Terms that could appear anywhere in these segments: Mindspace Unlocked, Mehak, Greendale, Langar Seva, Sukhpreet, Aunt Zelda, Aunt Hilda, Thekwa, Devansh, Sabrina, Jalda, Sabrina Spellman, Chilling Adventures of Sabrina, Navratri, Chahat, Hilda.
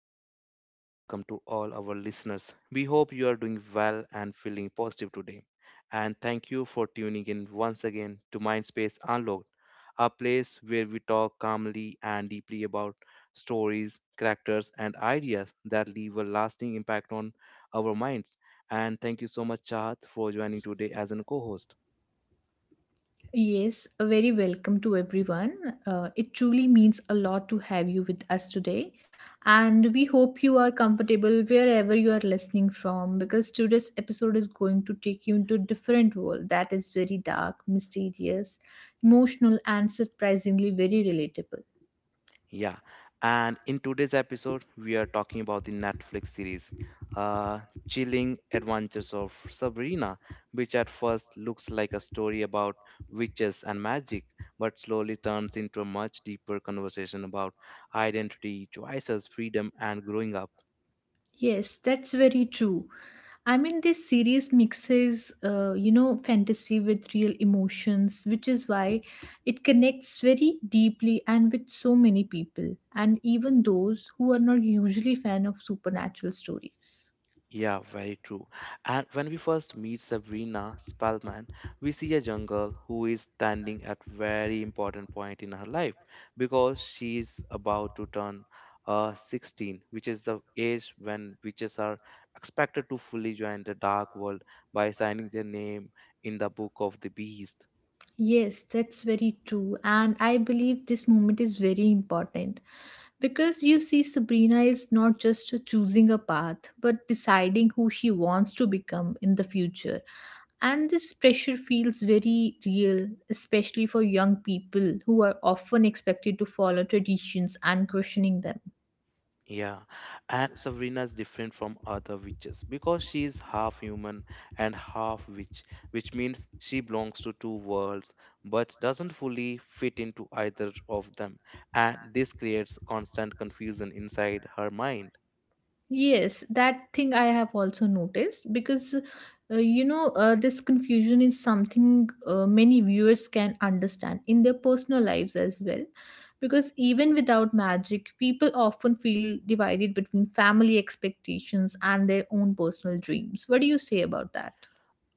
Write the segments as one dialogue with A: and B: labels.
A: and very warm welcome to all our listeners. We hope you are doing well and feeling positive today. And thank you for tuning in once again to Mindspace Unlocked, a place where we talk calmly and deeply about stories, characters, and ideas that leave a lasting impact on our minds. And thank you so much, Chahat, for joining today as a co host.
B: Yes, a very welcome to everyone. It truly means a lot to have you with us today. And we hope you are comfortable wherever you are listening from because today's episode is going to take you into a different world that is very dark, mysterious, emotional, and surprisingly very relatable.
A: Yeah, and in today's episode, we are talking about the Netflix series, uh, Chilling Adventures of Sabrina, which at first looks like a story about witches and magic, but slowly turns into a much deeper conversation about identity, choices, freedom, and growing up.
B: Yes, that's very true. I mean, this series mixes, fantasy with real emotions, which is why it connects very deeply and with so many people, and even those who are not usually fan of supernatural stories.
A: Yeah, very true. And when we first meet Sabrina Spellman, we see a young girl who is standing at very important point in her life because she is about to turn 16, which is the age when witches are expected to fully join the dark world by signing their name in the book of the beast.
B: Yes, that's very true. And I believe this moment is very important because you see, Sabrina is not just choosing a path but deciding who she wants to become in the future. And this pressure feels very real, especially for young people who are often expected to follow traditions and questioning them.
A: Yeah, and Sabrina is different from other witches because she is half human and half witch, which means she belongs to two worlds but doesn't fully fit into either of them, and this creates constant confusion inside her mind.
B: Yes, that thing I have also noticed because this confusion is something many viewers can understand in their personal lives as well. Because even without magic, people often feel divided between family expectations and their own personal dreams. What do you say about that?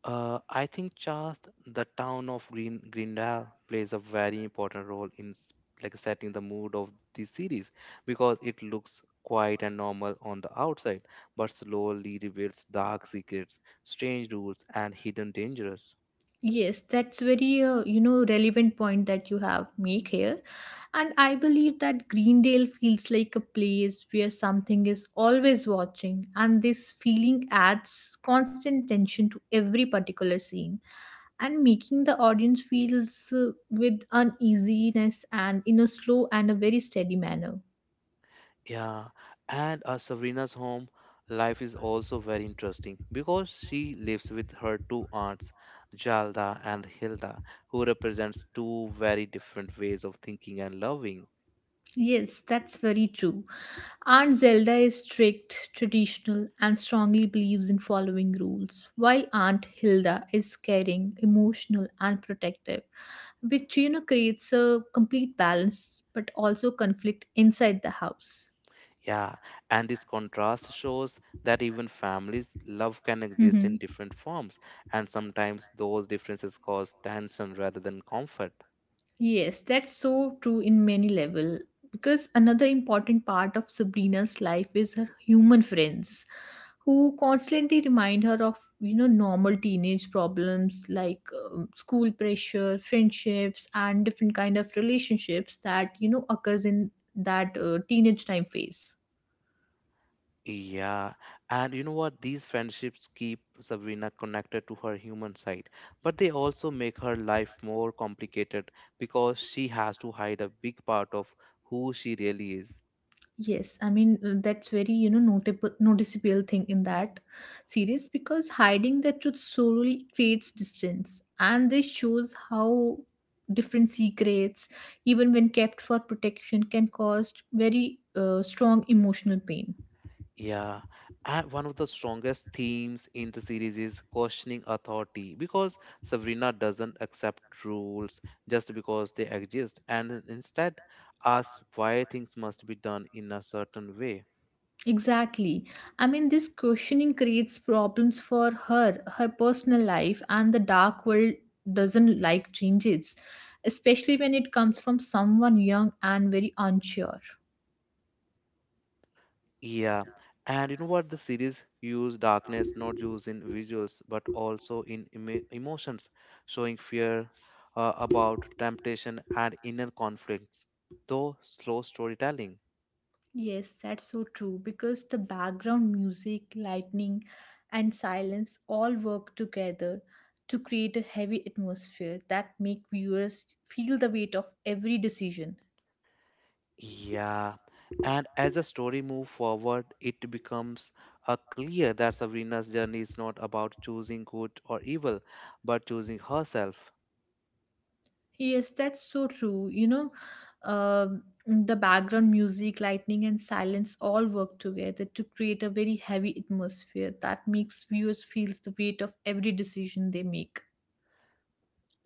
A: I think just the town of Greendale plays a very important role in like setting the mood of the series because it looks quiet and normal on the outside, but slowly reveals dark secrets, strange rules, and hidden dangers.
B: Yes, that's very relevant point that you have make here, and I believe that Greendale feels like a place where something is always watching, and this feeling adds constant tension to every particular scene, and making the audience feels with uneasiness and in a slow and a very steady manner.
A: Yeah, and Sabrina's home life is also very interesting because she lives with her two aunts, Jalda and Hilda, who represents two very different ways of thinking and loving.
B: Yes, that's very true. Aunt Zelda is strict, traditional, and strongly believes in following rules, while Aunt Hilda is caring, emotional, and protective, which you know creates a complete balance but also conflict inside the house.
A: Yeah, and this contrast shows that even families' love can exist
B: Mm-hmm.
A: in different forms, and sometimes those differences cause tension rather than comfort.
B: Yes, that's so true in many level because another important part of Sabrina's life is her human friends who constantly remind her of you know normal teenage problems like school pressure, friendships and different kind of relationships that you know occurs in that teenage time phase.
A: Yeah, and you know what? These friendships keep Sabrina connected to her human side, but they also make her life more complicated because she has to hide a big part of who she really is.
B: Yes, I mean that's very you know notable noticeable thing in that series because hiding the truth solely creates distance, and this shows how different secrets, even when kept for protection, can cause very strong emotional pain.
A: Yeah, and one of the strongest themes in the series is questioning authority because Sabrina doesn't accept rules just because they exist and instead asks why things must be done in a certain way.
B: Exactly. I mean, this questioning creates problems for her, her personal life, and the dark world doesn't like changes, especially when it comes from someone young and very unsure.
A: Yeah, and you know what? The series use darkness not just in visuals but also in emotions, showing fear about temptation and inner conflicts, though slow storytelling.
B: Yes, that's so true because the background music, lightning, and silence all work together to create a heavy atmosphere that make viewers feel the weight of every decision.
A: Yeah, and as the story moves forward, it becomes clear that Sabrina's journey is not about choosing good or evil, but choosing herself.
B: Yes, that's so true. You know, the background music, lightning, and silence all work together to create a very heavy atmosphere that makes viewers feel the weight of every decision they make.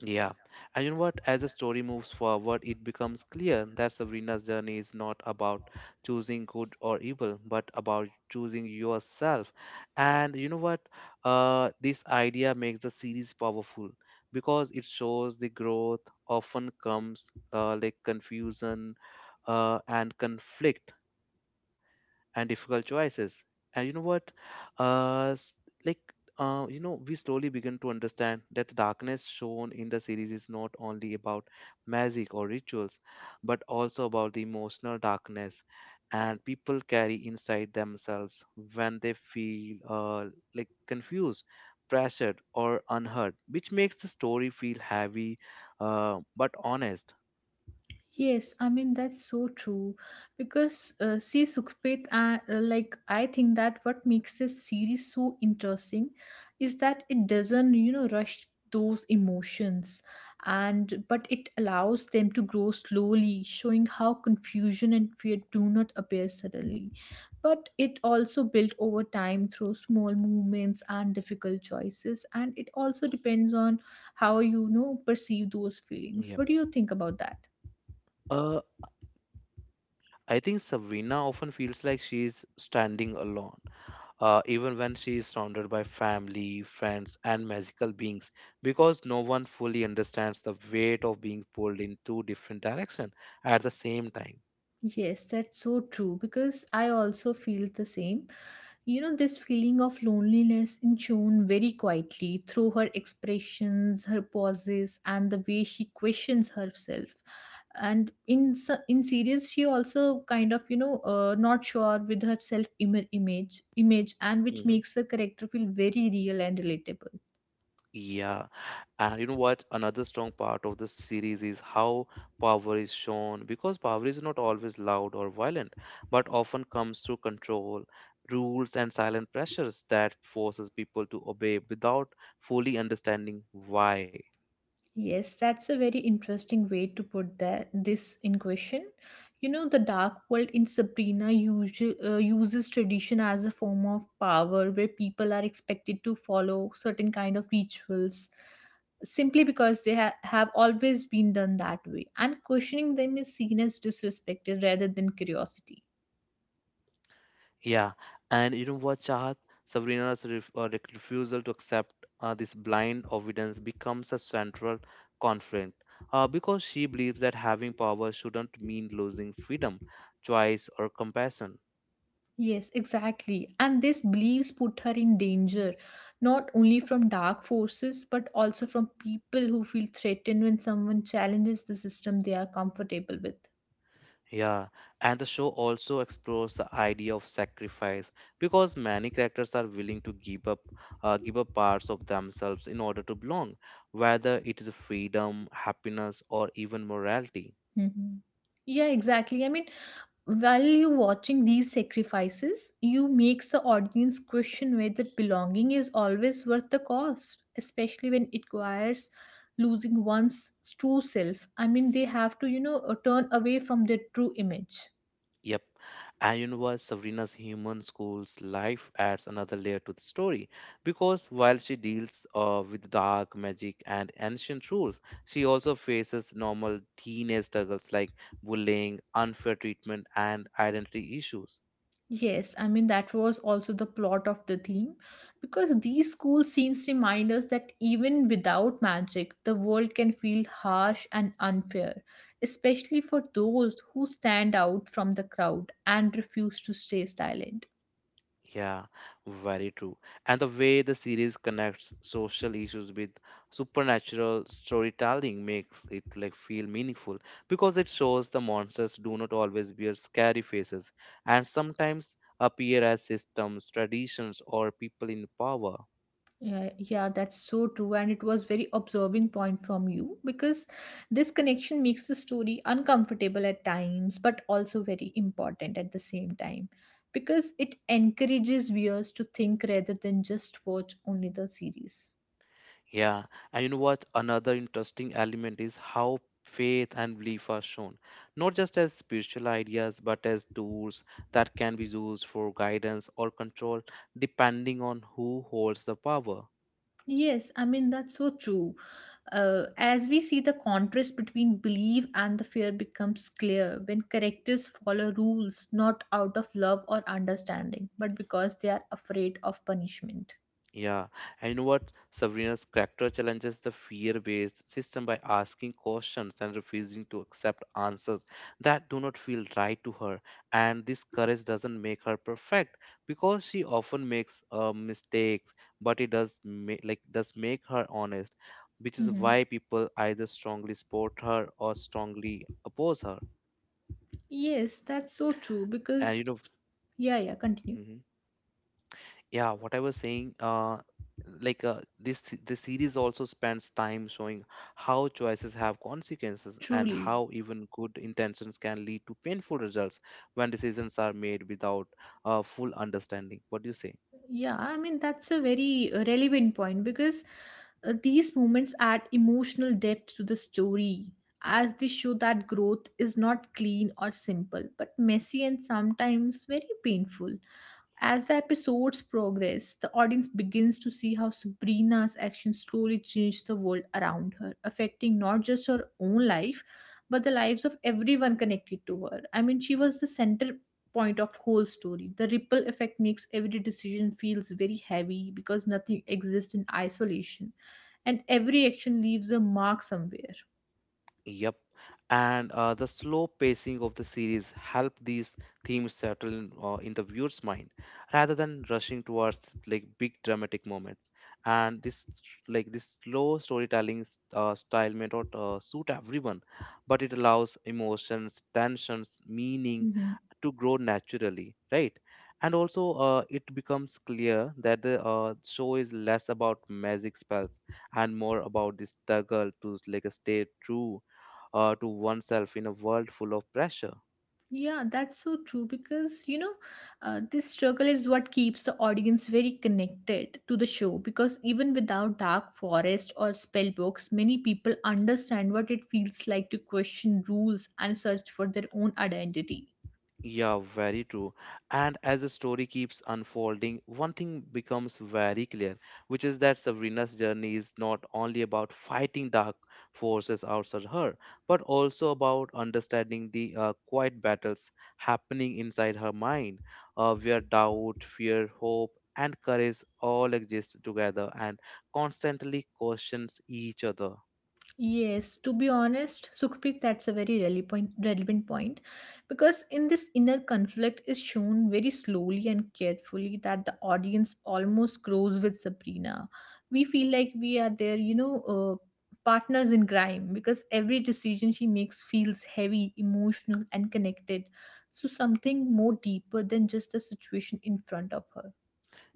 A: Yeah. And you know what? As the story moves forward, it becomes clear that Sabrina's journey is not about choosing good or evil, but about choosing yourself. And you know what? This idea makes the series powerful because it shows the growth often comes like confusion and conflict and difficult choices. And you know what? Uh, s- like, we slowly begin to understand that the darkness shown in the series is not only about magic or rituals, but also about the emotional darkness and people carry inside themselves when they feel like confused, pressured, or unheard, which makes the story feel heavy but honest.
B: Yes, I mean that's so true because see Sukhpit, like I think that what makes this series so interesting is that it doesn't you know rush those emotions and but it allows them to grow slowly, showing how confusion and fear do not appear suddenly, but it also built over time through small movements and difficult choices, and it also depends on how you know perceive those feelings.
A: Yep.
B: What do you think about that?
A: Uh, I think Sabrina often feels like she's standing alone even when she is surrounded by family, friends, and magical beings, because no one fully understands the weight of being pulled in two different directions at the same time.
B: Yes, that's so true because I also feel the same. You know, this feeling of loneliness is shown very quietly through her expressions, her pauses, and the way she questions herself. And in series, she also kind of you know not sure with her image, and
A: Mhm.
B: which makes her character feel very real and relatable.
A: Yeah, and you know what? Another strong part of the series is how power is shown because power is not always loud or violent, but often comes through control, rules, and silent pressures that forces people to obey without fully understanding why.
B: Yes, that's a very interesting way to put that this in question. You know, the dark world in Sabrina usual, uses tradition as a form of power where people are expected to follow certain kind of rituals simply because they have always been done that way and questioning them is seen as disrespected rather than curiosity.
A: Yeah, and you know what, Chahat? Sabrina's refusal to accept this blind obedience becomes a central conflict because she believes that having power shouldn't mean losing freedom, choice, or compassion.
B: Yes, exactly. And these beliefs put her in danger, not only from dark forces, but also from people who feel threatened when someone challenges the system they are comfortable with.
A: Yeah, and the show also explores the idea of sacrifice because many characters are willing to give up parts of themselves in order to belong, whether it is freedom, happiness, or even morality.
B: Hmm. Yeah, exactly. I mean, while you're watching these sacrifices, you makes the audience question whether belonging is always worth the cost, especially when it requires losing one's true self. I mean, they have to, turn away from their true image.
A: Yep, and you know what, Sabrina's human school's life adds another layer to the story because while she deals with dark magic and ancient rules, she also faces normal teenage struggles like bullying, unfair treatment, and identity issues.
B: Yes, I mean, that was also the plot of the theme because these school scenes remind us that even without magic, the world can feel harsh and unfair, especially for those who stand out from the crowd and refuse to stay silent.
A: Yeah, very true. And the way the series connects social issues with supernatural storytelling makes it like feel meaningful because it shows the monsters do not always wear scary faces and sometimes appear as systems, traditions, or people in power.
B: Yeah, yeah, that's so true. And it was very observing point from you because this connection makes the story uncomfortable at times, but also very important at the same time because it encourages viewers to think rather than just watch only the series.
A: Yeah, and you know what? Another interesting element is how faith and belief are shown, not just as spiritual ideas, but as tools that can be used for guidance or control, depending on who holds the power.
B: Yes, I mean that's so true. As we see the contrast between belief and the fear becomes clear when characters follow rules not out of love or understanding, but because they are afraid of punishment.
A: Yeah, and you know what? Sabrina's character challenges the fear-based system by asking questions and refusing to accept answers that do not feel right to her. And this courage doesn't make her perfect because she often makes mistakes, but it does ma- like does make her honest, which is
B: Mm-hmm.
A: why people either strongly support her or strongly oppose her.
B: Yes, that's so true
A: And
B: because
A: you know,
B: yeah, yeah, continue.
A: mm-hmm. Yeah, what I was saying, like this the series also spends time showing how choices have consequences and
B: Truly.
A: how even good intentions can lead to painful results when decisions are made without full understanding. What do you say?
B: Yeah, I mean, that's a very relevant point because these moments add emotional depth to the story as they show that growth is not clean or simple, but messy and sometimes very painful. As the episodes progress, the audience begins to see how Sabrina's actions slowly change the world around her, affecting not just her own life, but the lives of everyone connected to her. I mean, she was the center point of whole story. The ripple effect makes every decision feels very heavy because nothing exists in isolation and every action leaves a mark somewhere.
A: Yep. And the slow pacing of the series helped these themes settle in the viewer's mind rather than rushing towards like big dramatic moments. And this slow storytelling style may not suit everyone, but it allows emotions, tensions, meaning,
B: Hmm.
A: to grow naturally, right? And also, it becomes clear that the show is less about magic spells and more about the struggle to like stay true to oneself in a world full of pressure.
B: Yeah, that's so true because this struggle is what keeps the audience very connected to the show. Because even without Dark Forest or spell books, many people understand what it feels like to question rules and search for their own identity.
A: Yeah, very true. And as the story keeps unfolding, one thing becomes very clear, which is that Sabrina's journey is not only about fighting dark forces outside her, but also about understanding the quiet battles happening inside her mind, where doubt, fear, hope, and courage all exist together and constantly questions each other.
B: Yes, to be honest, Sukhpreet, that's a very relevant point because in this inner conflict is shown very slowly and carefully that the audience almost grows with Sabrina. We feel like we are their, partners in crime because every decision she makes feels heavy, emotional, and connected to something more deeper than just the situation in front of her.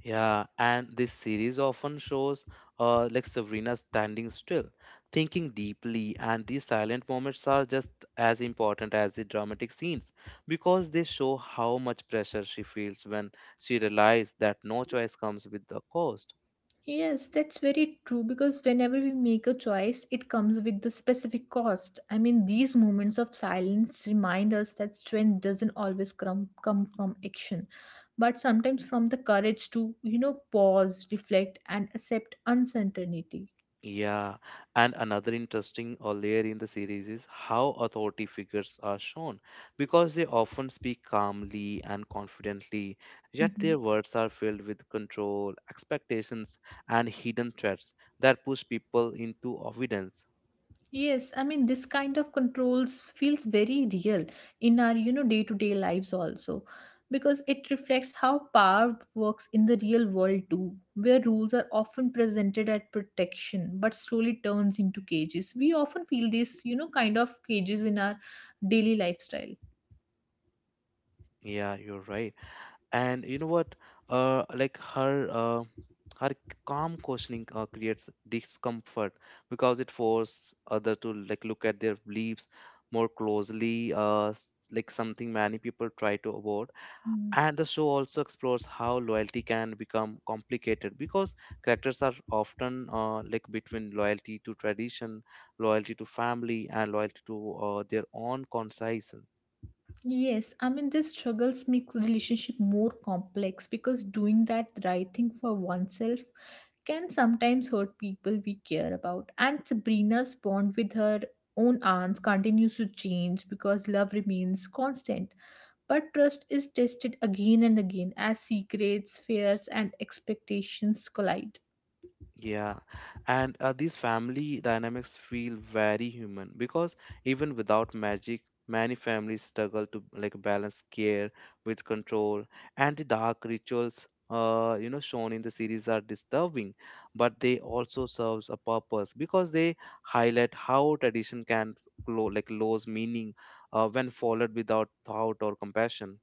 A: Yeah, and this series often shows like Sabrina standing still, thinking deeply, and these silent moments are just as important as the dramatic scenes because they show how much pressure she feels when she realizes that no choice comes with the cost.
B: Yes, that's very true because whenever we make a choice, it comes with the specific cost. I mean, these moments of silence remind us that strength doesn't always come from action, but sometimes from the courage to, you know, pause, reflect, and accept uncertainty.
A: Yeah, and another interesting layer in the series is how authority figures are shown because they often speak calmly and confidently, yet their
B: Mhm.
A: words are filled with control, expectations, and hidden threats that push people into obedience.
B: Yes, I mean this kind of controls feels very real in our you know day-to-day lives also because it reflects how power works in the real world too where rules are often presented as protection but slowly turns into cages. We often feel this you know kind of cages in our daily lifestyle.
A: Yeah, you're right. And you know what like her her calm questioning creates discomfort because it forces others to like look at their beliefs more closely, like something many people try to avoid.
B: Hmm.
A: And the show also explores how loyalty can become complicated because characters are often like between loyalty to tradition, loyalty to family, and loyalty to their own conscience.
B: Yes, I mean, these struggles make relationship more complex because doing that right thing for oneself can sometimes hurt people we care about. And Sabrina's bond with her own aunts continues to change because love remains constant. But trust is tested again and again as secrets, fears, and expectations collide.
A: Yeah, and these family dynamics feel very human because even without magic, many families struggle to like balance care with control, and the dark rituals you know shown in the series are disturbing, but they also serves a purpose because they highlight how tradition can lo like lose meaning when followed without thought or compassion.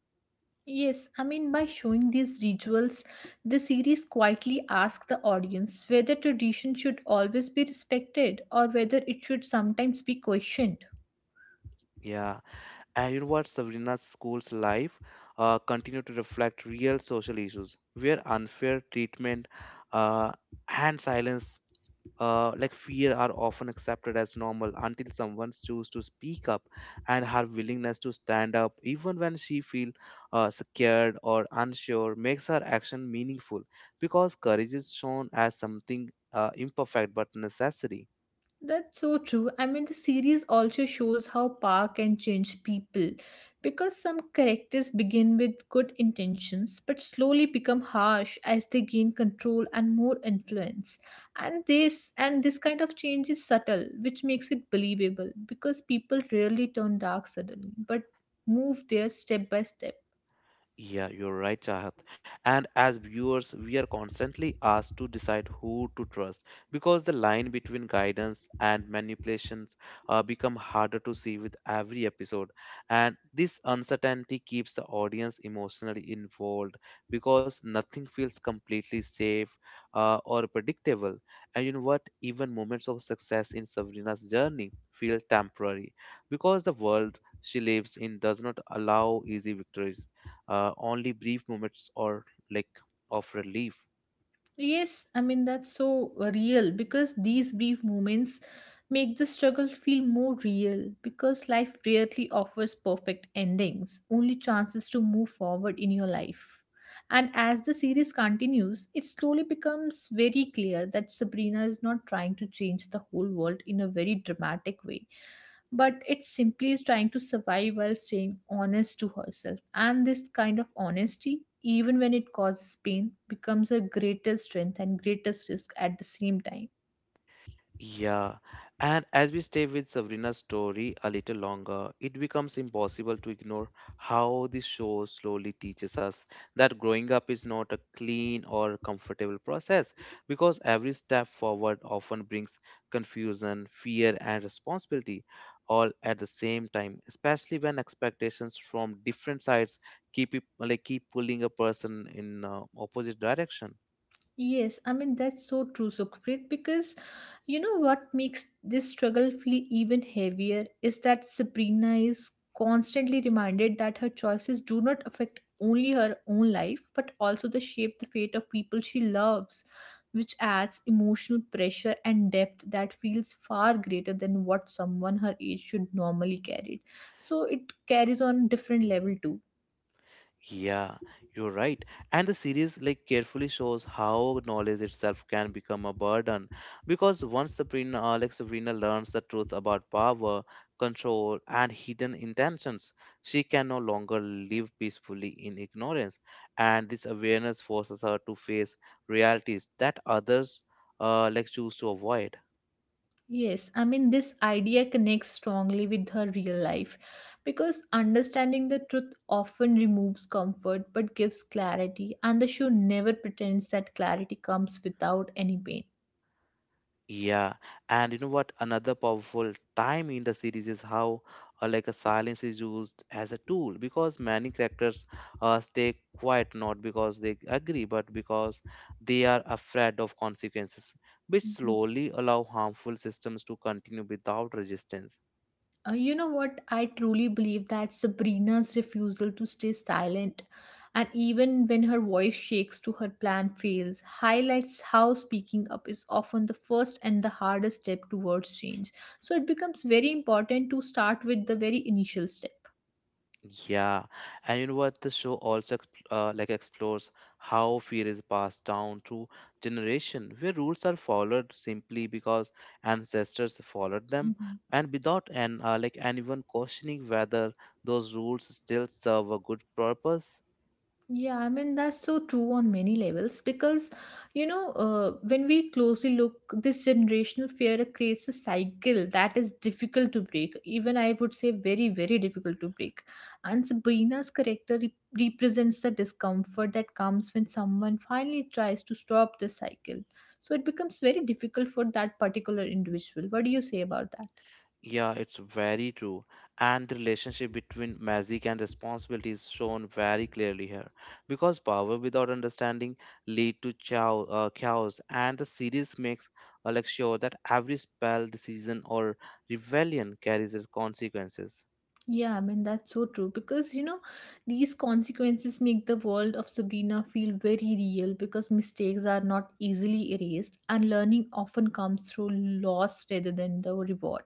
B: Yes, I mean, by showing these rituals, the series quietly asks the audience whether tradition should always be respected or whether it should sometimes be questioned.
A: Yeah. And you know what? Sabrina's school's life continued to reflect real social issues where unfair treatment uh, and silence, like fear, are often accepted as normal until someone chooses to speak up, and her willingness to stand up, even when she feels scared or unsure, makes her action meaningful because courage is shown as something imperfect but necessary.
B: That's so true. I mean, the series also shows how power can change people because some characters begin with good intentions but slowly become harsh as they gain control and more influence. And this kind of change is subtle, which makes it believable because people rarely turn dark suddenly but move there step by step.
A: Yeah, you're right, Chahat. And as viewers, we are constantly asked to decide who to trust because the line between guidance and manipulations become harder to see with every episode. And this uncertainty keeps the audience emotionally involved because nothing feels completely safe or predictable. And you know what? Even moments of success in Sabrina's journey feel temporary because the world she lives in does not allow easy victories, only brief moments or like of relief.
B: Yes, I mean, that's so real because these brief moments make the struggle feel more real because life rarely offers perfect endings, only chances to move forward in your life. And as the series continues, it slowly becomes very clear that Sabrina is not trying to change the whole world in a very dramatic way but it simply is trying to survive while staying honest to herself. And this kind of honesty, even when it causes pain, becomes her greatest strength and greatest risk at the same time.
A: Yeah, and as we stay with Sabrina's story a little longer, it becomes impossible to ignore how this show slowly teaches us that growing up is not a clean or comfortable process because every step forward often brings confusion, fear, and responsibility all at the same time, especially when expectations from different sides keep it, like keep pulling a person in opposite direction.
B: Yes, I mean that's so true, Sukhpreet, because you know what makes this struggle feel even heavier is that Sabrina is constantly reminded that her choices do not affect only her own life, but also the shape the fate of people she loves, which adds emotional pressure and depth that feels far greater than what someone her age should normally carry. So it carries on different
A: Mhm.
B: level too.
A: Yeah, you're right. And the series like carefully shows how knowledge itself can become a burden because once Sabrina learns the truth about power, control, and hidden intentions. She can no longer live peacefully in ignorance. And this awareness forces her to face realities that others choose to avoid.
B: Yes, I mean, this idea connects strongly with her real life because understanding the truth often removes comfort but gives clarity, and the show never pretends that clarity comes without any pain.
A: Yeah, and you know what? Another powerful time in the series is how a silence is used as a tool because many characters stay quiet not because they agree but because they are afraid of consequences, which
B: Mhm.
A: slowly allow harmful systems to continue without resistance.
B: You know what? I truly believe that Sabrina's refusal to stay silent, and even when her voice shakes to her plan fails, highlights how speaking up is often the first and the hardest step towards change. So it becomes very important to start with the very initial step.
A: Yeah, and you know what? The show also explores how fear is passed down through generation, where rules are followed simply because ancestors followed them,
B: Mhm.
A: and without an like anyone questioning whether those rules still serve a good purpose.
B: Yeah, I mean, that's so true on many levels because, when we closely look, this generational fear creates a cycle that is difficult to break. Even I would say very, very difficult to break. And Sabrina's character represents the discomfort that comes when someone finally tries to stop the cycle. So it becomes very difficult for that particular individual. What do you say about that?
A: Yeah, it's very true. And the relationship between magic and responsibility is shown very clearly here. Because power without understanding lead to chaos, and the series makes Alex sure that every spell, decision, or rebellion carries its consequences.
B: Yeah, I mean, that's so true because these consequences make the world of Sabrina feel very real because mistakes are not easily erased and learning often comes through loss rather than the reward.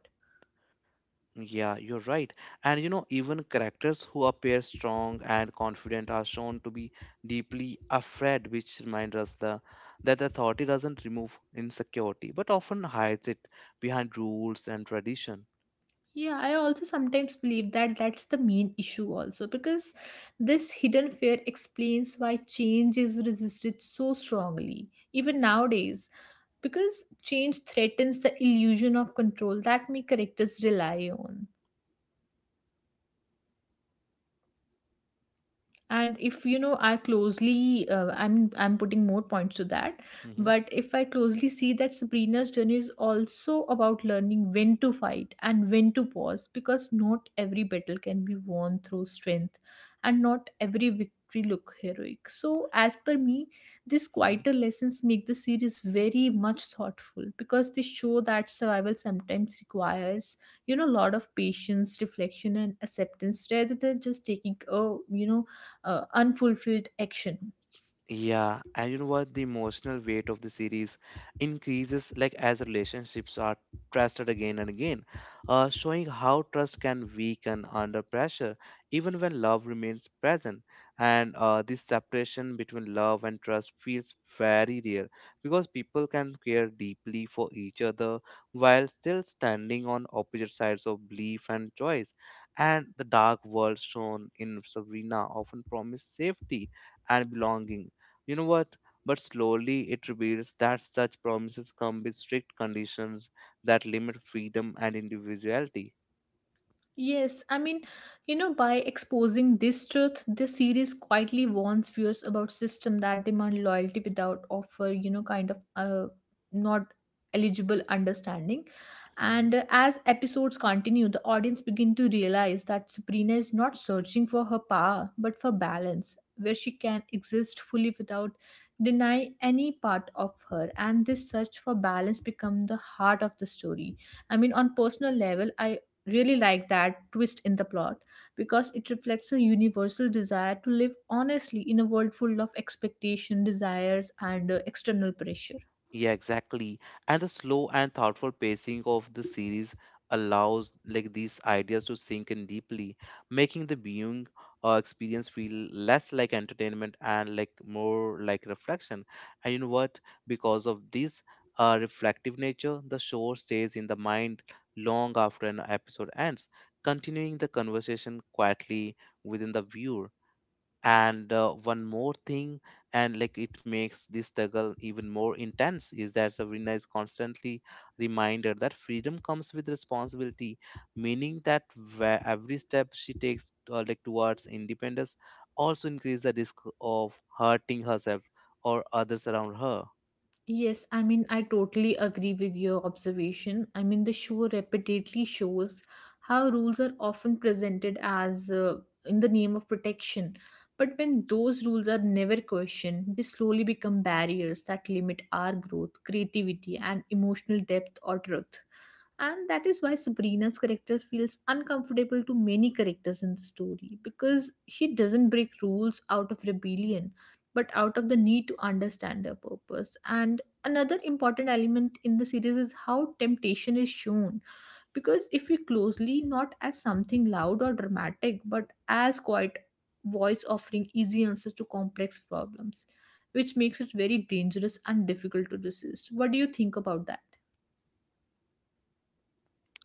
A: Yeah, you're right. And you know, even characters who appear strong and confident are shown to be deeply afraid, which reminds us the that authority doesn't remove insecurity, but often hides it behind rules and tradition.
B: Yeah, I also sometimes believe that that's the main issue, also because this hidden fear explains why change is resisted so strongly, even nowadays. Because change threatens the illusion of control that many characters rely on. And if I closely, I'm putting more points to that, but if I closely see that Sabrina's journey is also about learning when to fight and when to pause, because not every battle can be won through strength and not every victory look heroic. So as per me, these
A: Hmm.
B: quieter lessons make the series very much thoughtful because they show that survival sometimes requires a lot of patience, reflection, and acceptance rather than just taking a you know unfulfilled action.
A: Yeah, and you know what? The emotional weight of the series increases like as relationships are trusted again and again, showing how trust can weaken under pressure, even when love remains present. And this separation between love and trust feels very real because people can care deeply for each other while still standing on opposite sides of belief and choice. And the dark world shown in Sabrina often promised safety and belonging, you know what? But slowly it reveals that such promises come with strict conditions that limit freedom and individuality.
B: Yes, I mean, by exposing this truth, the series quietly warns viewers about system that demand loyalty without offer, kind of not eligible understanding. And as episodes continue, the audience begin to realize that Sabrina is not searching for her power, but for balance, where she can exist fully without denying any part of her. And this search for balance become the heart of the story. I mean, on personal level, I really like that twist in the plot because it reflects a universal desire to live honestly in a world full of expectation, desires, and external pressure.
A: Yeah, exactly. And the slow and thoughtful pacing of the series allows like these ideas to sink in deeply, making the viewing experience feel less like entertainment and like more like reflection. And you know what? Because of this reflective nature, the show stays in the mind long after an episode ends, continuing the conversation quietly within the viewer. And one more thing, and like it makes this struggle even more intense is that Sabrina is constantly reminder that freedom comes with responsibility, meaning that where every step she takes towards independence also increases the risk of hurting herself or others around her.
B: Yes, I mean, I totally agree with your observation. I mean, the show repeatedly shows how rules are often presented as in the name of protection. But when those rules are never questioned, they slowly become barriers that limit our growth, creativity, and emotional depth or truth. And that is why Sabrina's character feels uncomfortable to many characters in the story, because she doesn't break rules out of rebellion but out of the need to understand their purpose. And another important element in the series is how temptation is shown, because if you closely not as something loud or dramatic but as quiet voice offering easy answers to complex problems, which makes it very dangerous and difficult to resist. What do you think about that?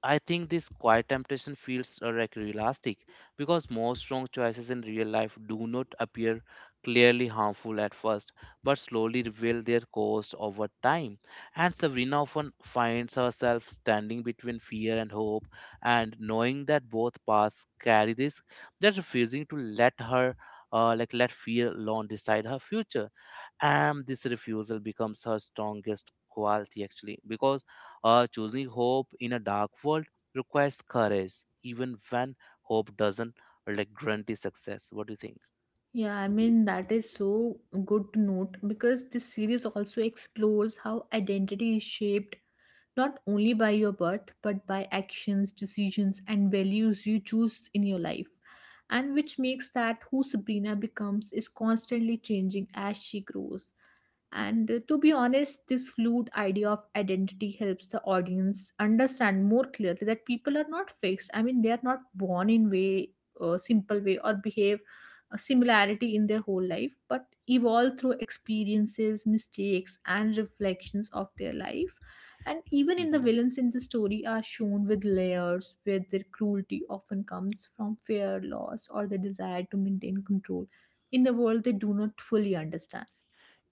A: I think this quiet temptation feels realistic because most wrong choices in real life do not appear clearly harmful at first but slowly reveal their cost over time. And Sabrina often finds herself standing between fear and hope, and knowing that both paths carry risk, that refusing to let her let fear alone decide her future, and this refusal becomes her strongest quality actually because choosing hope in a dark world requires courage even when hope doesn't guarantee success. What do you
B: Yeah, I mean, that is so good to note because this series also explores how identity is shaped not only by your birth, but by actions, decisions, and values you choose in your life. And which makes that who Sabrina becomes is constantly changing as she grows. And to be honest, this fluid idea of identity helps the audience understand more clearly that people are not fixed. I mean, they are not born in way, simple way, or behave a similarity in their whole life, but evolve through experiences, mistakes, and reflections of their life. And even in the
A: think?
B: villains in the story are shown with layers where their cruelty often comes from fear, loss, or the desire to maintain control in a world they do not fully understand.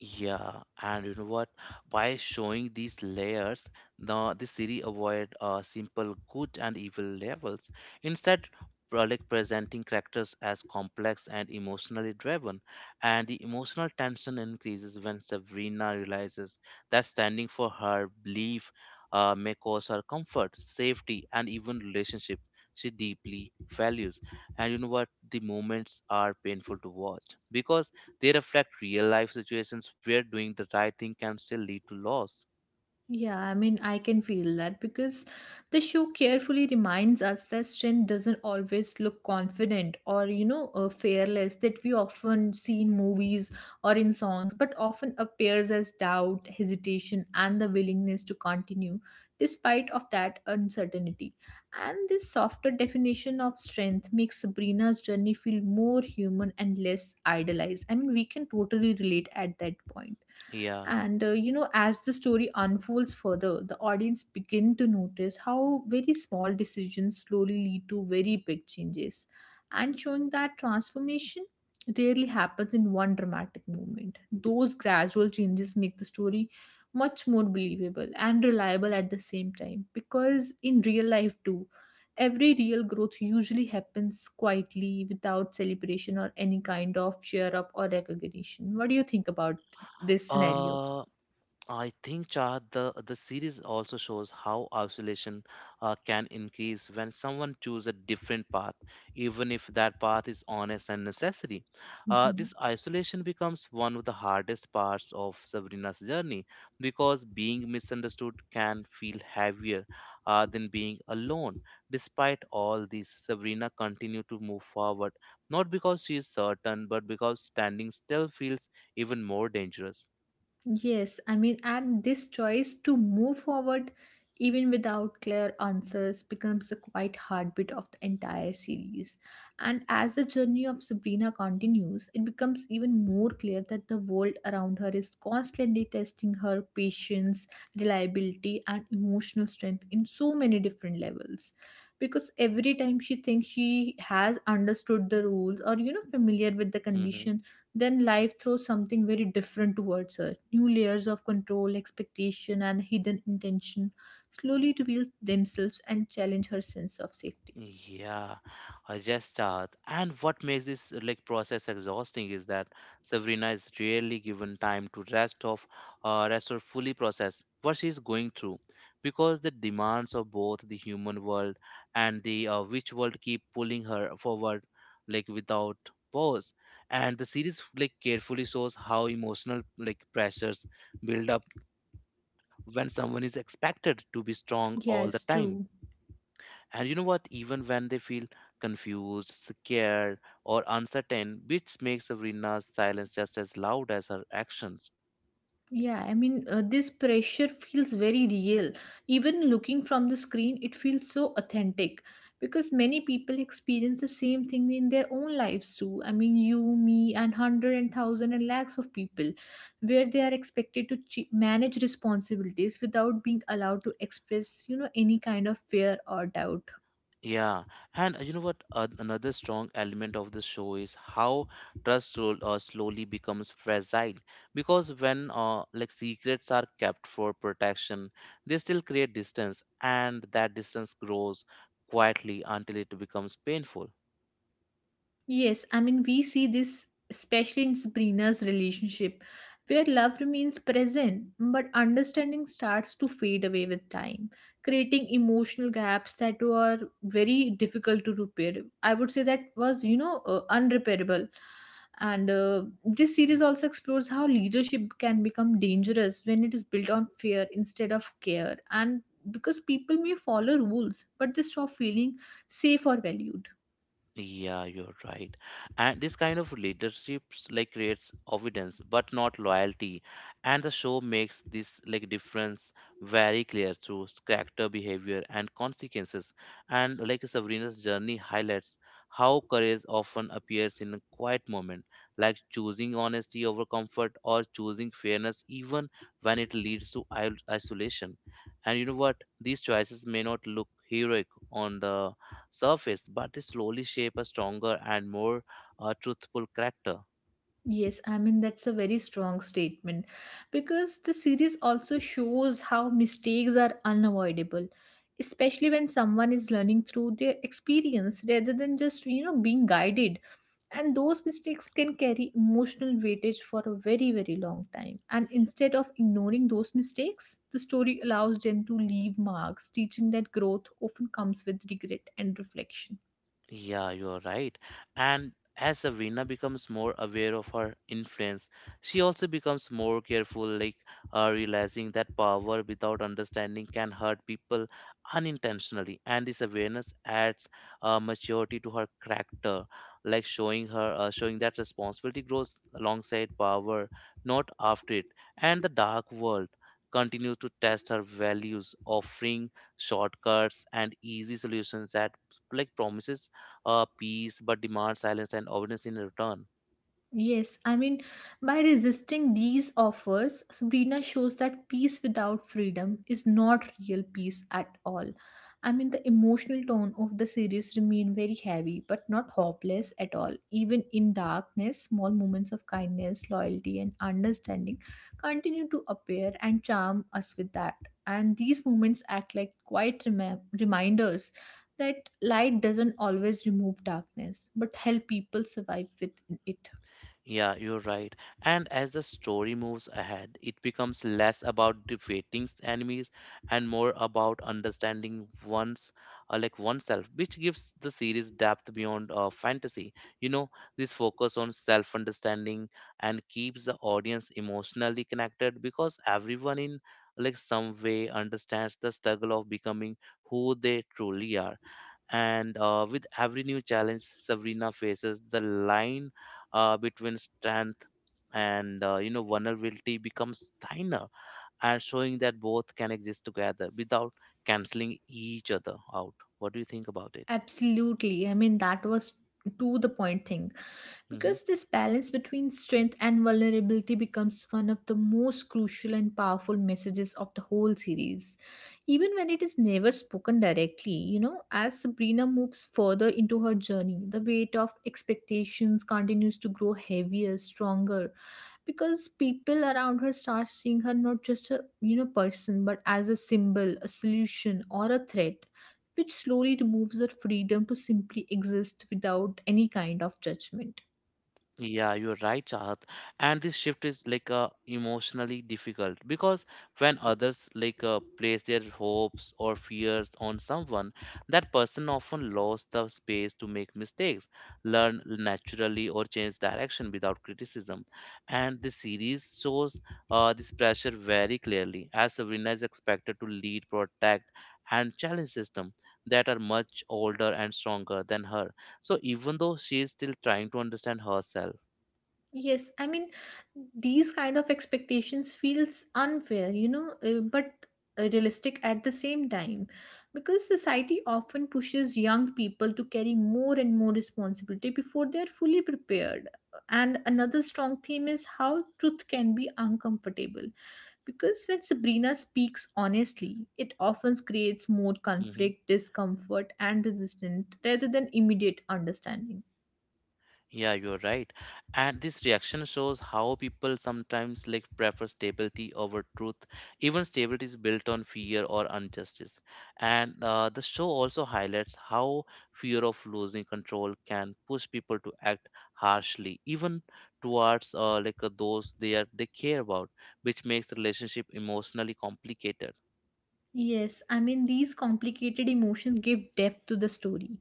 A: Yeah, and you know what? By showing these layers, the series avoid simple good and evil levels. Instead, presenting characters as complex and emotionally driven, and the emotional tension increases when Sabrina realizes that standing for her belief may cause her comfort, safety, and even relationship she deeply values. And you know what? The moments are painful to watch because they reflect real life situations where doing the right thing can still lead to loss.
B: Yeah, I mean, I can feel that because the show carefully reminds us that strength doesn't always look confident or, fearless that we often see in movies or in songs, but often appears as doubt, hesitation, and the willingness to continue despite of that uncertainty. And this softer definition of strength makes Sabrina's journey feel more human and less idealized. I mean, we can totally relate at that point.
A: Yeah.
B: And as the story unfolds further, the audience begin to notice how very small decisions slowly lead to very big changes, and showing that transformation rarely happens in one dramatic moment. Those gradual changes make the story much more believable and reliable at the same time, because in real life too every real growth usually happens quietly without celebration or any kind of cheer up or recognition. What do you think about this scenario?
A: Uh, I think Chahat, the series also shows how isolation can increase when someone chooses a different path, even if that path is honest and necessary.
B: Mhm.
A: This isolation becomes one of the hardest parts of Sabrina's journey because being misunderstood can feel heavier than being alone. Despite all this, Sabrina continues to move forward, not because she is certain, but because standing still feels even more dangerous.
B: Yes, I mean, and this choice to move forward even without clear answers becomes the quiet heartbeat of the entire series. And as the journey of Sabrina continues, it becomes even more clear that the world around her is constantly testing her patience, reliability, and emotional strength in so many different levels. Because every time she thinks she has understood the rules or, familiar with the
A: Mm-hmm.
B: condition, then life throws something very different towards her. New layers of control, expectation, and hidden intention slowly reveal themselves and challenge her sense of safety.
A: Yeah, I just and what makes this process exhausting is that Sabrina is rarely given time to rest or fully process what she is going through because the demands of both the human world and the witch world keep pulling her forward like without pause. And the series like carefully shows how emotional like pressures build up when someone is expected to be strong all the
B: Yes,
A: time,
B: true.
A: and you know what? Even when they feel confused, scared, or uncertain, which makes Sabrina's silence just as loud as her actions.
B: Yeah, I mean, this pressure feels very real. Even looking from the screen, it feels so authentic because many people experience the same thing in their own lives too. I mean, you, me, and hundred and thousand and lakhs of people, where they are expected to manage responsibilities without being allowed to express, any kind of fear or doubt.
A: Yeah, and you know what? Another strong element of the show is how trust slowly becomes fragile. Because when secrets are kept for protection, they still create distance, and that distance grows quietly until it becomes painful.
B: Yes, I mean, we see this especially in Sabrina's relationship, where love remains present, but understanding starts to fade away with time, creating emotional gaps that were very difficult to repair. I would say that was, unrepairable. And this series also explores how leadership can become dangerous when it is built on fear instead of care. And because people may follow rules, but they stop feeling safe or valued.
A: Yeah, you're right. And this kind of leaderships like creates evidence but not loyalty. And the show makes this like difference very clear through character behavior and consequences. And like Sabrina's journey highlights how courage often appears in a quiet moment, like choosing honesty over comfort or choosing fairness even when it leads to isolation. And you know what? These choices may not look heroic on the surface, but they slowly shape a stronger and more truthful character.
B: Yes, I mean, that's a very strong statement because the series also shows how mistakes are unavoidable, especially when someone is learning through their experience rather than just, being guided. And those mistakes can carry emotional weightage for a very, very long time. And instead of ignoring those mistakes, the story allows them to leave marks, teaching that growth often comes with regret and reflection.
A: Yeah, you are right. And as Sabrina becomes more aware of her influence, she also becomes more careful, like realizing that power without understanding can hurt people unintentionally. And this awareness adds maturity to her character, like showing that responsibility grows alongside power, not after it. And the dark world continues to test her values, offering shortcuts and easy solutions that like promises peace but demand silence and awareness in return.
B: Yes, I mean, by resisting these offers, Sabrina shows that peace without freedom is not real peace at all. I mean, the emotional tone of the series remain very heavy, but not hopeless at all. Even in darkness, small moments of kindness, loyalty, and understanding continue to appear and charm us with that. And these moments act like quiet reminders that light doesn't always remove darkness, but help people survive with it.
A: Yeah, you're right. And as the story moves ahead, it becomes less about defeating enemies and more about understanding one's like oneself, which gives the series depth beyond fantasy. You know, this focus on self-understanding and keeps the audience emotionally connected because everyone in like some way understands the struggle of becoming who they truly are. And with every new challenge Sabrina faces the line between strength and you know vulnerability becomes thinner, and showing that both can exist together without canceling each other out. What do you think about it?
B: Absolutely. I mean, that was to the point thing
A: Mm-hmm.
B: because this balance between strength and vulnerability becomes one of the most crucial and powerful messages of the whole series, even when it is never spoken directly. As Sabrina moves further into her journey, the weight of expectations continues to grow heavier, stronger, because people around her start seeing her not just a person but as a symbol, a solution, or a threat, which slowly removes her freedom to simply exist without any kind of judgment.
A: Yeah, you're right, Chahat. And this shift is like emotionally difficult because when others like place their hopes or fears on someone, that person often lost the space to make mistakes, learn naturally, or change direction without criticism. And the series shows this pressure very clearly, as Sabrina is expected to lead, protect, and challenge systems that are much older and stronger than her, so even though she is still trying to understand herself.
B: Yes, I mean, these kind of expectations feels unfair, but realistic at the same time, because society often pushes young people to carry more and more responsibility before they are fully prepared. And another strong theme is how truth can be uncomfortable because when Sabrina speaks honestly, it often creates more
A: Hmm.
B: conflict, discomfort, and resistance rather than immediate understanding.
A: Yeah, you're right. And this reaction shows how people sometimes like prefer stability over truth. Even stability is built on fear or injustice. And the show also highlights how fear of losing control can push people to act harshly, even towards those they care about, which makes relationship emotionally complicated.
B: Yes, I mean, these complicated emotions give depth to the story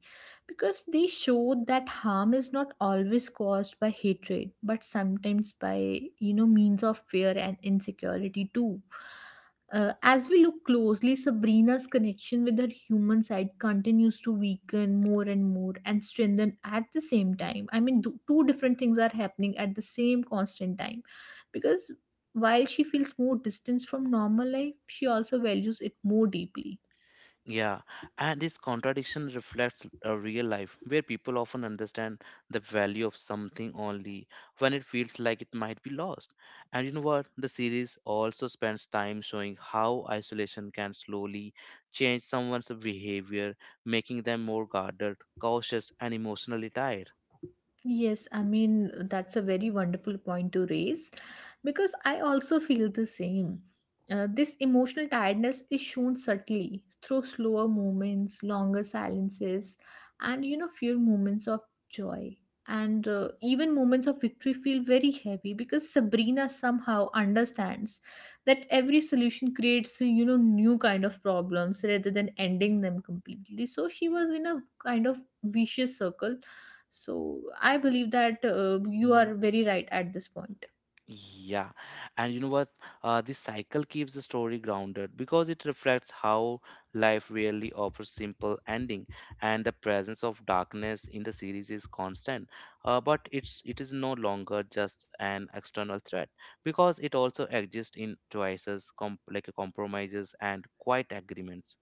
B: because they show that harm is not always caused by hatred, but sometimes by, means of fear and insecurity too. As we look closely, Sabrina's connection with her human side continues to weaken more and more and strengthen at the same time. I mean, two different things are happening at the same constant time because while she feels more distance from normal life, she also values it more deeply.
A: Yeah, and this contradiction reflects a real life where people often understand the value of something only when it feels like it might be lost. And you know what? The series also spends time showing how isolation can slowly change someone's behavior, making them more guarded, cautious, and emotionally tired.
B: Yes, I mean, that's a very wonderful point to raise because I also feel the same. This emotional tiredness is shown subtly through slower movements, longer silences, and few moments of joy. And even moments of victory feel very heavy because Sabrina somehow understands that every solution creates, new kind of problems rather than ending them completely. So she was in a kind of vicious circle, so I believe that you
A: Mm-hmm.
B: are very right at this point.
A: Yeah, and you know what? This cycle keeps the story grounded because it reflects how life rarely offers simple ending, and the presence of darkness in the series is constant. But it is no longer just an external threat because it also exists in choices, compromises and quiet agreements.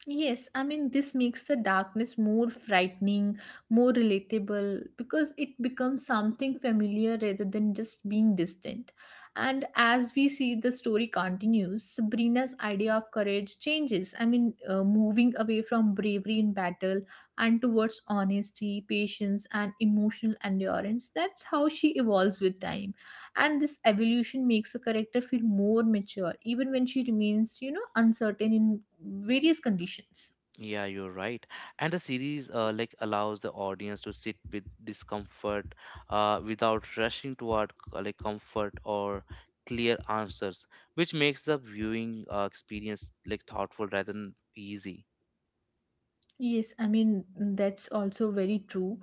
B: Yes, I mean, this makes the darkness more frightening, more relatable, because it becomes something familiar rather than just being distant. And as we see, the story continues. Sabrina's idea of courage changes. Moving away from bravery in battle and towards honesty, patience, and emotional endurance. That's how she evolves with time, and this evolution makes a character feel more mature even when she remains uncertain in various conditions.
A: Yeah, you're right. And the series allows the audience to sit with discomfort without rushing toward comfort or clear answers, which makes the viewing experience like thoughtful rather than easy.
B: Yes, I mean, that's also very true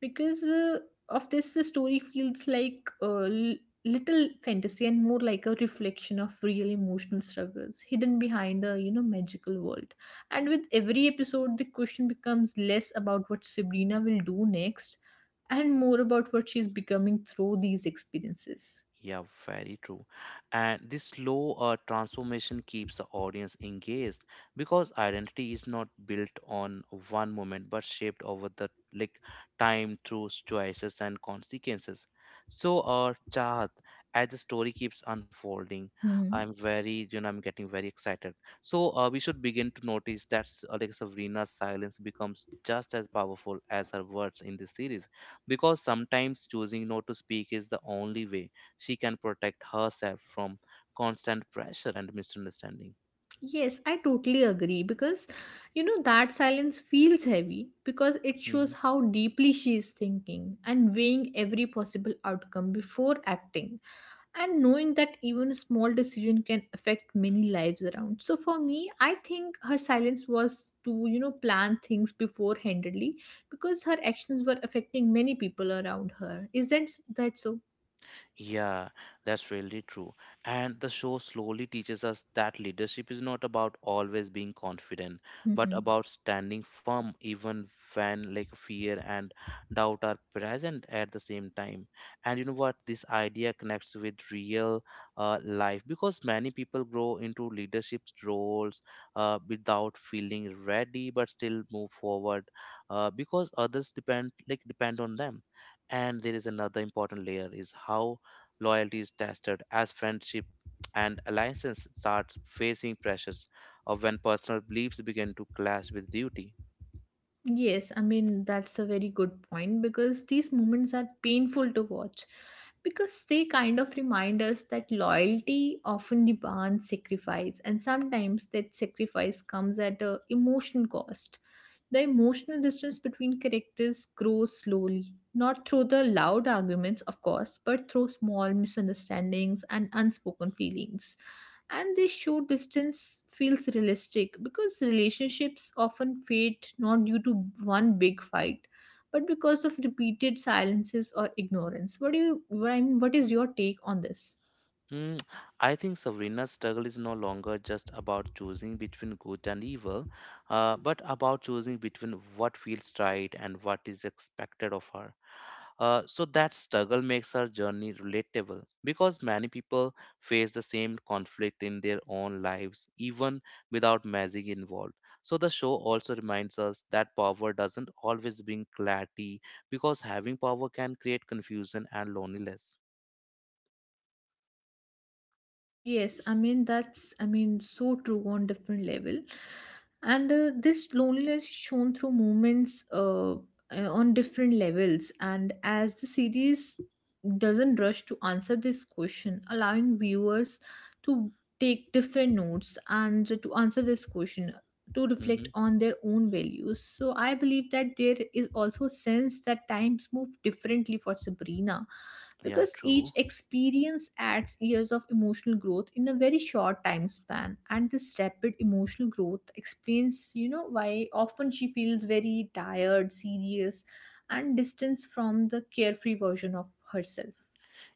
B: because of this, the story feels like little fantasy and more like a reflection of real emotional struggles hidden behind a magical world. And with every episode, the question becomes less about what Sabrina will do next and more about what she's becoming through these experiences.
A: Yeah, very true. And this slow transformation keeps the audience engaged because identity is not built on one moment but shaped over the like time through choices and consequences. So, Chahat, as the story keeps unfolding,
B: Hmm.
A: I'm very, you know, I'm getting very excited. So, we should begin to notice that Sabrina's silence becomes just as powerful as her words in this series because sometimes choosing not to speak is the only way she can protect herself from constant pressure and misunderstanding.
B: Yes, I totally agree, because you know that silence feels heavy because it
A: Mhm.
B: shows how deeply she is thinking and weighing every possible outcome before acting and knowing that even a small decision can affect many lives around. So for me, I think her silence was to plan things beforehandedly because her actions were affecting many people around her. Isn't that so?
A: Yeah, that's really true. And the show slowly teaches us that leadership is not about always being confident, but
B: Hmm.
A: about standing firm even when like fear and doubt are present at the same time. And you know what? This idea connects with real life because many people grow into leadership roles without feeling ready, but still move forward because others depend on them. And there is another important layer is how loyalty is tested as friendship and alliances start facing pressures of when personal beliefs begin to clash with duty.
B: Yes, I mean, that's a very good point because these moments are painful to watch because they kind of remind us that loyalty often demands sacrifice, and sometimes that sacrifice comes at a emotional cost. The emotional distance between characters grows slowly, not through the loud arguments, of course, but through small misunderstandings and unspoken feelings. And this short distance feels realistic because relationships often fade not due to one big fight, but because of repeated silences or ignorance. What do you? What I mean, what is your take on this?
A: Mm, I think Sabrina's struggle is no longer just about choosing between good and evil, but about choosing between what feels right and what is expected of her. So that struggle makes her journey relatable because many people face the same conflict in their own lives, even without magic involved. So the show also reminds us that power doesn't always bring clarity because having power can create confusion and loneliness.
B: Yes, I mean, that's, I mean, so true on different level, and this loneliness is shown through moments on different levels. And as the series doesn't rush to answer this question, allowing viewers to take different notes and to answer this question, to
A: hmm
B: reflect on their own values. So I believe that there is also a sense that times move differently for Sabrina
A: Yeah,
B: because each
A: true.
B: experience adds years of emotional growth in a very short time span, and this rapid emotional growth explains why often she feels very tired, serious, and distance from the carefree version of herself.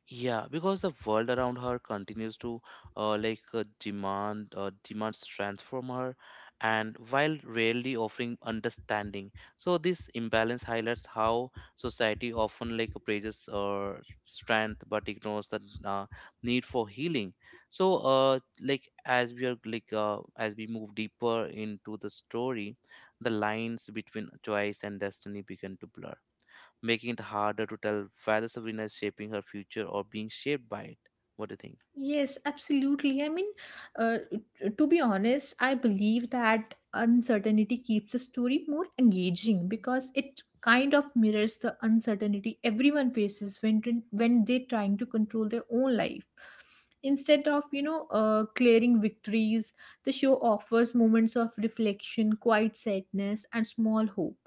A: Yeah, because the world around her continues to demands strength from her, and while rarely offering understanding. So this imbalance highlights how society often like praises strength but ignores the uh, need for healing. So like as we are like as we move deeper into the story, the lines between choice and destiny begin to blur, making it harder to tell whether Sabrina is shaping her future or being shaped by it. What do you think?
B: Yes, absolutely. I mean, to be honest, I believe that uncertainty keeps a story more engaging because it kind of mirrors the uncertainty everyone faces when they're trying to control their own life. Instead of clearing victories, the show offers moments of reflection, quiet sadness, and small hope.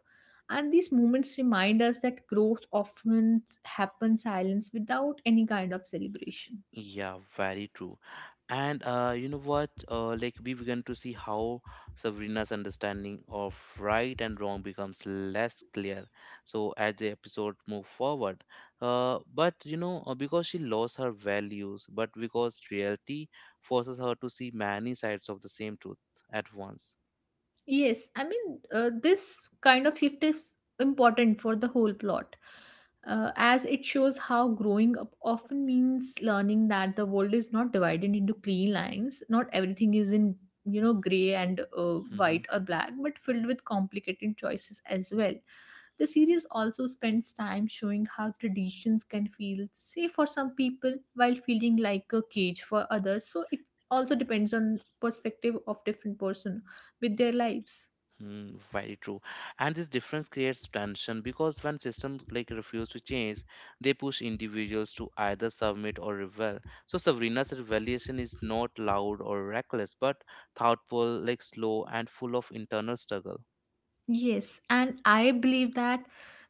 B: And these moments remind us that growth often happens silence without any kind of celebration.
A: Yeah, very true. And you know what? Like we began to see how Sabrina's understanding of right and wrong becomes less clear. So as the episode move forward, but you know because she lost her values, but because reality forces her to see many sides of the same truth at once.
B: Yes, I mean, this kind of shift is important for the whole plot, as it shows how growing up often means learning that the world is not divided into clean lines. Not everything is in, you know, gray and
A: Mm-hmm.
B: white or black, but filled with complicated choices as well. The series also spends time showing how traditions can feel safe for some people while feeling like a cage for others. So it also depends on perspective of different person with their lives.
A: Mm, very true. And this difference creates tension because when systems like refuse to change, they push individuals to either submit or rebel. So Sabrina's rebellion is not loud or reckless, but thoughtful, like slow and full of internal struggle.
B: Yes, and I believe that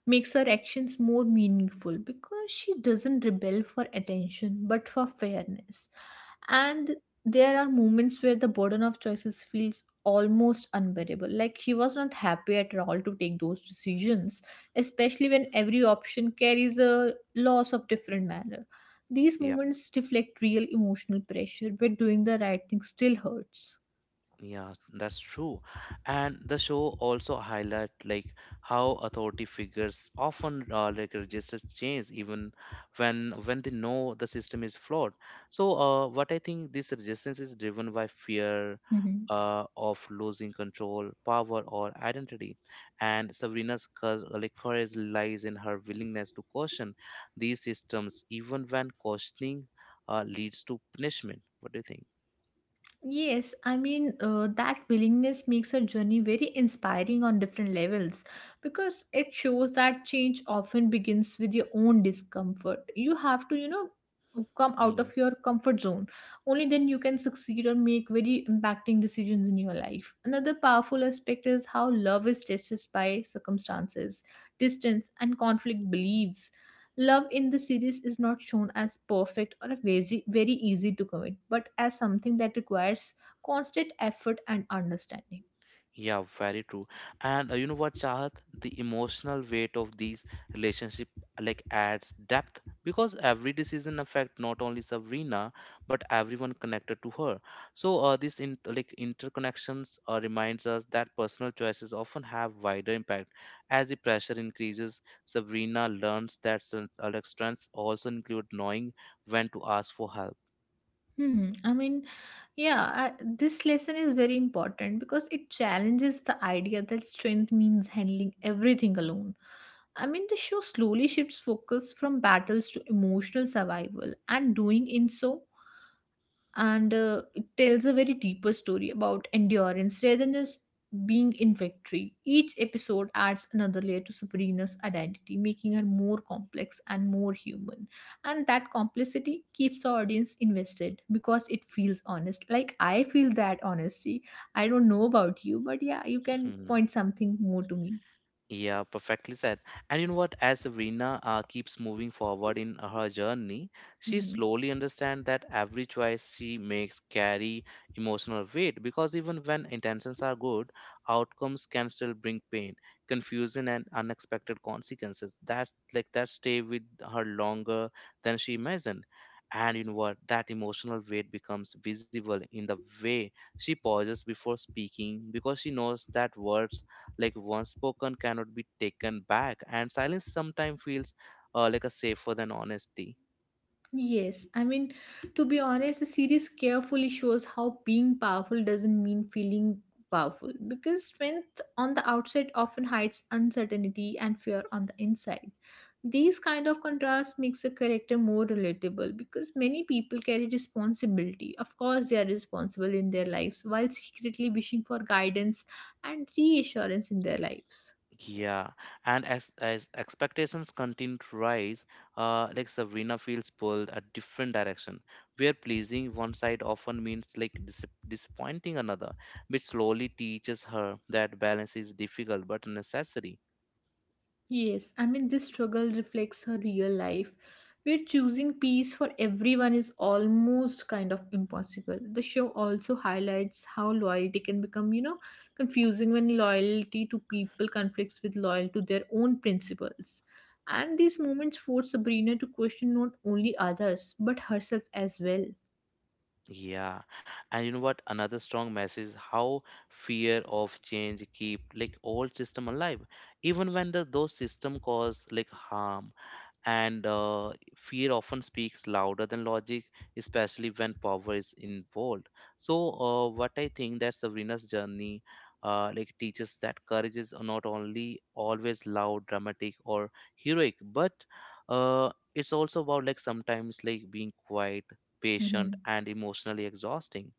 B: makes her actions more meaningful because she doesn't rebel for attention but for fairness. And there are moments where the burden of choices feels almost unbearable. Like she was not happy at all to take those decisions, especially when every option carries a loss of different manner. These
A: Yeah.
B: moments reflect real emotional pressure where doing the right thing still hurts.
A: Yeah, that's true. And the show also highlight like how authority figures often like registers change even when they know the system is flawed. So what I think this resistance is driven by fear
B: Mm-hmm.
A: of losing control, power, or identity. And like, courage lies in her willingness to caution these systems, even when cautioning leads to punishment. What do you think?
B: Yes, I mean, that willingness makes her journey very inspiring on different levels because it shows that change often begins with your own discomfort. You have to, you know, come out
A: Hmm.
B: of your comfort zone. Only then you can succeed or make very impacting decisions in your life. Another powerful aspect is how love is tested by circumstances, distance, and conflict beliefs. Love in the series is not shown as perfect or a very, very easy to commit, but as something that requires constant effort and understanding.
A: Yeah, very true. And you know what, Chahat? The emotional weight of these relationship like adds depth because every decision affect not only Sabrina but everyone connected to her. So this in, like interconnections reminds us that personal choices often have wider impact. As the pressure increases, Sabrina learns that strengths also include knowing when to ask for help.
B: Hmm. I mean, yeah, I, this lesson is very important because it challenges the idea that strength means handling everything alone. I mean, the show slowly shifts focus from battles to emotional survival, and doing in so and it tells a very deeper story about endurance rather than just being infantry. Each episode adds another layer to Sabrina's identity, making her more complex and more human. And that complexity keeps the audience invested because it feels honest. Like I feel that honesty. I don't know about you, but yeah, you can
A: Hmm.
B: point something more to me.
A: Yeah, perfectly said. And you know what? As Rina keeps moving forward in her journey, she
B: Mm-hmm.
A: slowly understands that every choice she makes carry emotional weight because even when intentions are good, outcomes can still bring pain, confusion, and unexpected consequences. That's like that stay with her longer than she imagined. And you know what? That emotional weight becomes visible in the way she pauses before speaking because she knows that words like once spoken cannot be taken back, and silence sometimes feels like a safer than honesty.
B: Yes, I mean, to be honest, the series carefully shows how being powerful doesn't mean feeling powerful, because strength on the outside often hides uncertainty and fear on the inside. These kind of contrast makes a character more relatable because many people carry responsibility. Of course, they are responsible in their lives while secretly wishing for guidance and reassurance in their lives.
A: Yeah, and as expectations continue to rise, Sabrina feels pulled a different direction where pleasing one side often means like disappointing another, which slowly teaches her that balance is difficult but necessary.
B: Yes, I mean, this struggle reflects her real life, where choosing peace for everyone is almost kind of impossible. The show also highlights how loyalty can become, you know, confusing when loyalty to people conflicts with loyalty to their own principles. And these moments force Sabrina to question not only others, but herself as well.
A: Yeah, and you know what? Another strong message is how fear of change keep like old system alive, even when those system cause like harm. And fear often speaks louder than logic, especially when power is involved. So what I think that Sabrina's journey teaches that courage is not only always loud, dramatic, or heroic, but it's also about like sometimes like being quiet,
B: Mm-hmm.
A: patient, and emotionally exhausting.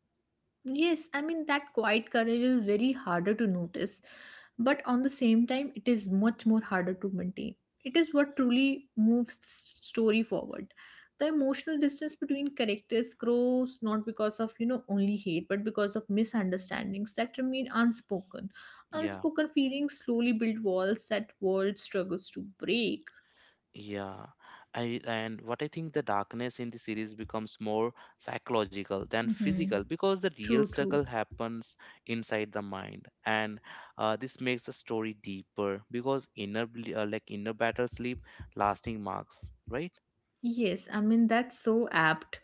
B: Yes, I mean, that quiet courage is very harder to notice, but on the same time, it is much more harder to maintain. It is what truly moves the story forward. The emotional distance between characters grows not because of, you know, only hate, but because of misunderstandings that remain unspoken.
A: Yeah.
B: Unspoken feelings slowly build walls that world struggles to break.
A: Yeah, I, and what I think the darkness in the series becomes more psychological than
B: Hmm.
A: physical because the real
B: True,
A: struggle
B: true.
A: happens inside the mind, and this makes the story deeper because inner bel- like inner battles leave lasting marks, right?
B: Yes, I mean, that's so apt,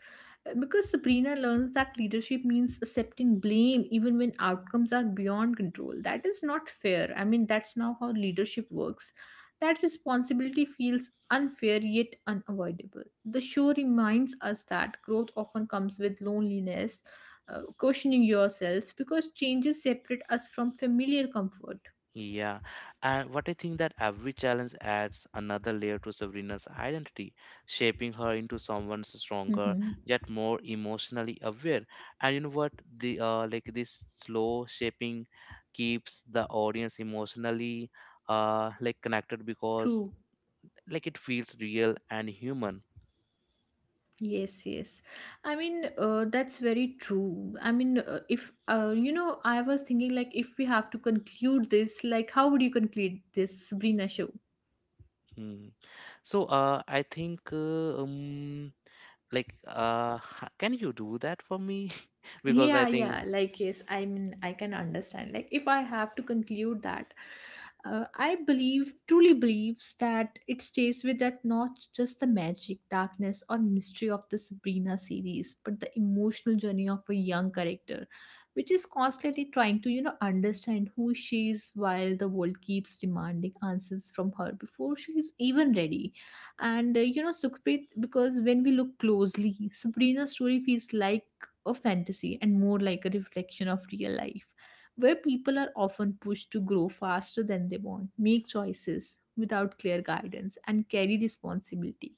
B: because Sabrina learns that leadership means accepting blame even when outcomes are beyond control. That is not fair. I mean, that's not how leadership works. That responsibility feels unfair yet unavoidable. The show reminds us that growth often comes with loneliness, questioning yourself, because changes separate us from familiar comfort.
A: Yeah, and what I think that every challenge adds another layer to Sabrina's identity, shaping her into someone stronger
B: Hmm.
A: yet more emotionally aware. And you know what? The like This slow shaping keeps the audience emotionally like connected because
B: True.
A: like it feels real and human.
B: Yes, yes. I mean, that's very true. I mean, if you know, I was thinking like, if we have to conclude this, like how would you conclude this Sabrina show?
A: Hmm. So I think like can you do that for me? Because I
B: Yeah,
A: think
B: yeah, like yes, I mean, I can understand. Like, if I have to conclude that, I believe truly believes that it stays with that, not just the magic darkness or mystery of the Sabrina series, but the emotional journey of a young character which is constantly trying to understand who she is while the world keeps demanding answers from her before she is even ready. And you know, Sukhpreet, because when we look closely, Sabrina's story feels like a fantasy and more like a reflection of real life, where people are often pushed to grow faster than they want, make choices without clear guidance, and carry responsibility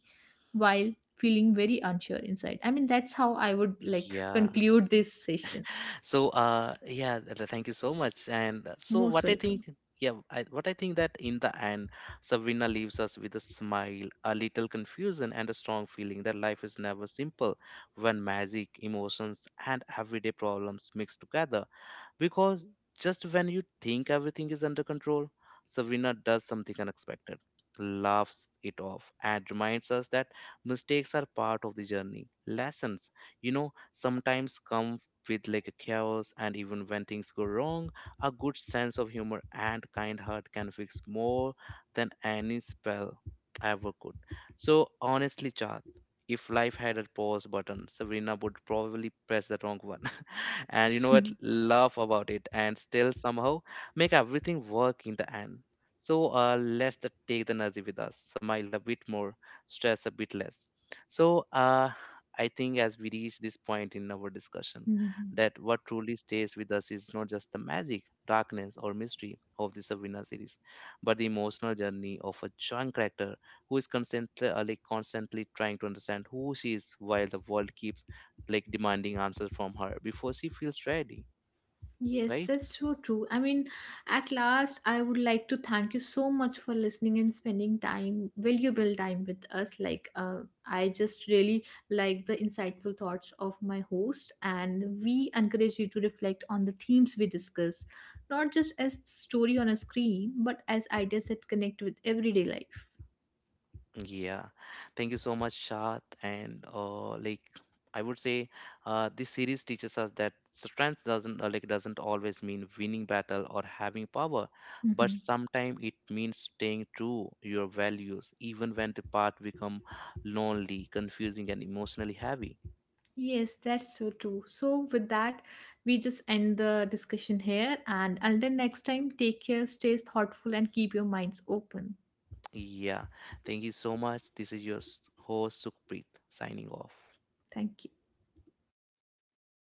B: while feeling very unsure inside. I mean, that's how I would like
A: yeah.
B: conclude this session.
A: So thank you so much. And so
B: Most
A: what I
B: welcome.
A: think, yeah, I, what I think that in the end, Sabrina leaves us with a smile, a little confusion, and a strong feeling that life is never simple when magic, emotions, and everyday problems mix together. Because just when you think everything is under control, Savina does something unexpected, laughs it off, and reminds us that mistakes are part of the journey. Lessons, you know, sometimes come with like a chaos, and even when things go wrong, a good sense of humor and kind heart can fix more than any spell ever could. So, honestly, Chad, if life had a pause button, Sabrina would probably press the wrong one. And you know what, laugh about it and still somehow make everything work in the end. So let's take the energy with us, smile a bit more, stress a bit less. So I think as we reach this point in our discussion, that what truly stays with us is not just the magic, darkness, or mystery of the Sabrina series, but the emotional journey of a young character who is constantly trying to understand who she is while the world keeps like demanding answers from her before she feels ready,
B: Yes,
A: right?
B: that's so true. I mean, at last, I would like to thank you so much for listening and spending time, valuable time with us. Like, I just really like the insightful thoughts of my host, and we encourage you to reflect on the themes we discuss, not just as story on a screen, but as ideas that connect with everyday life.
A: Yeah. Thank you so much, Shad. And like I would say, this series teaches us that strength doesn't always mean winning battle or having power, but
B: Mhm.
A: sometimes it means staying true your values even when the path become lonely, confusing, and emotionally heavy.
B: Yes, that's so true. So, with that, we just end the discussion here. And until next time, take care, stay thoughtful, and keep your minds open.
A: Yeah. Thank you so much. This is your host Sukhpreet signing off.
B: Thank you.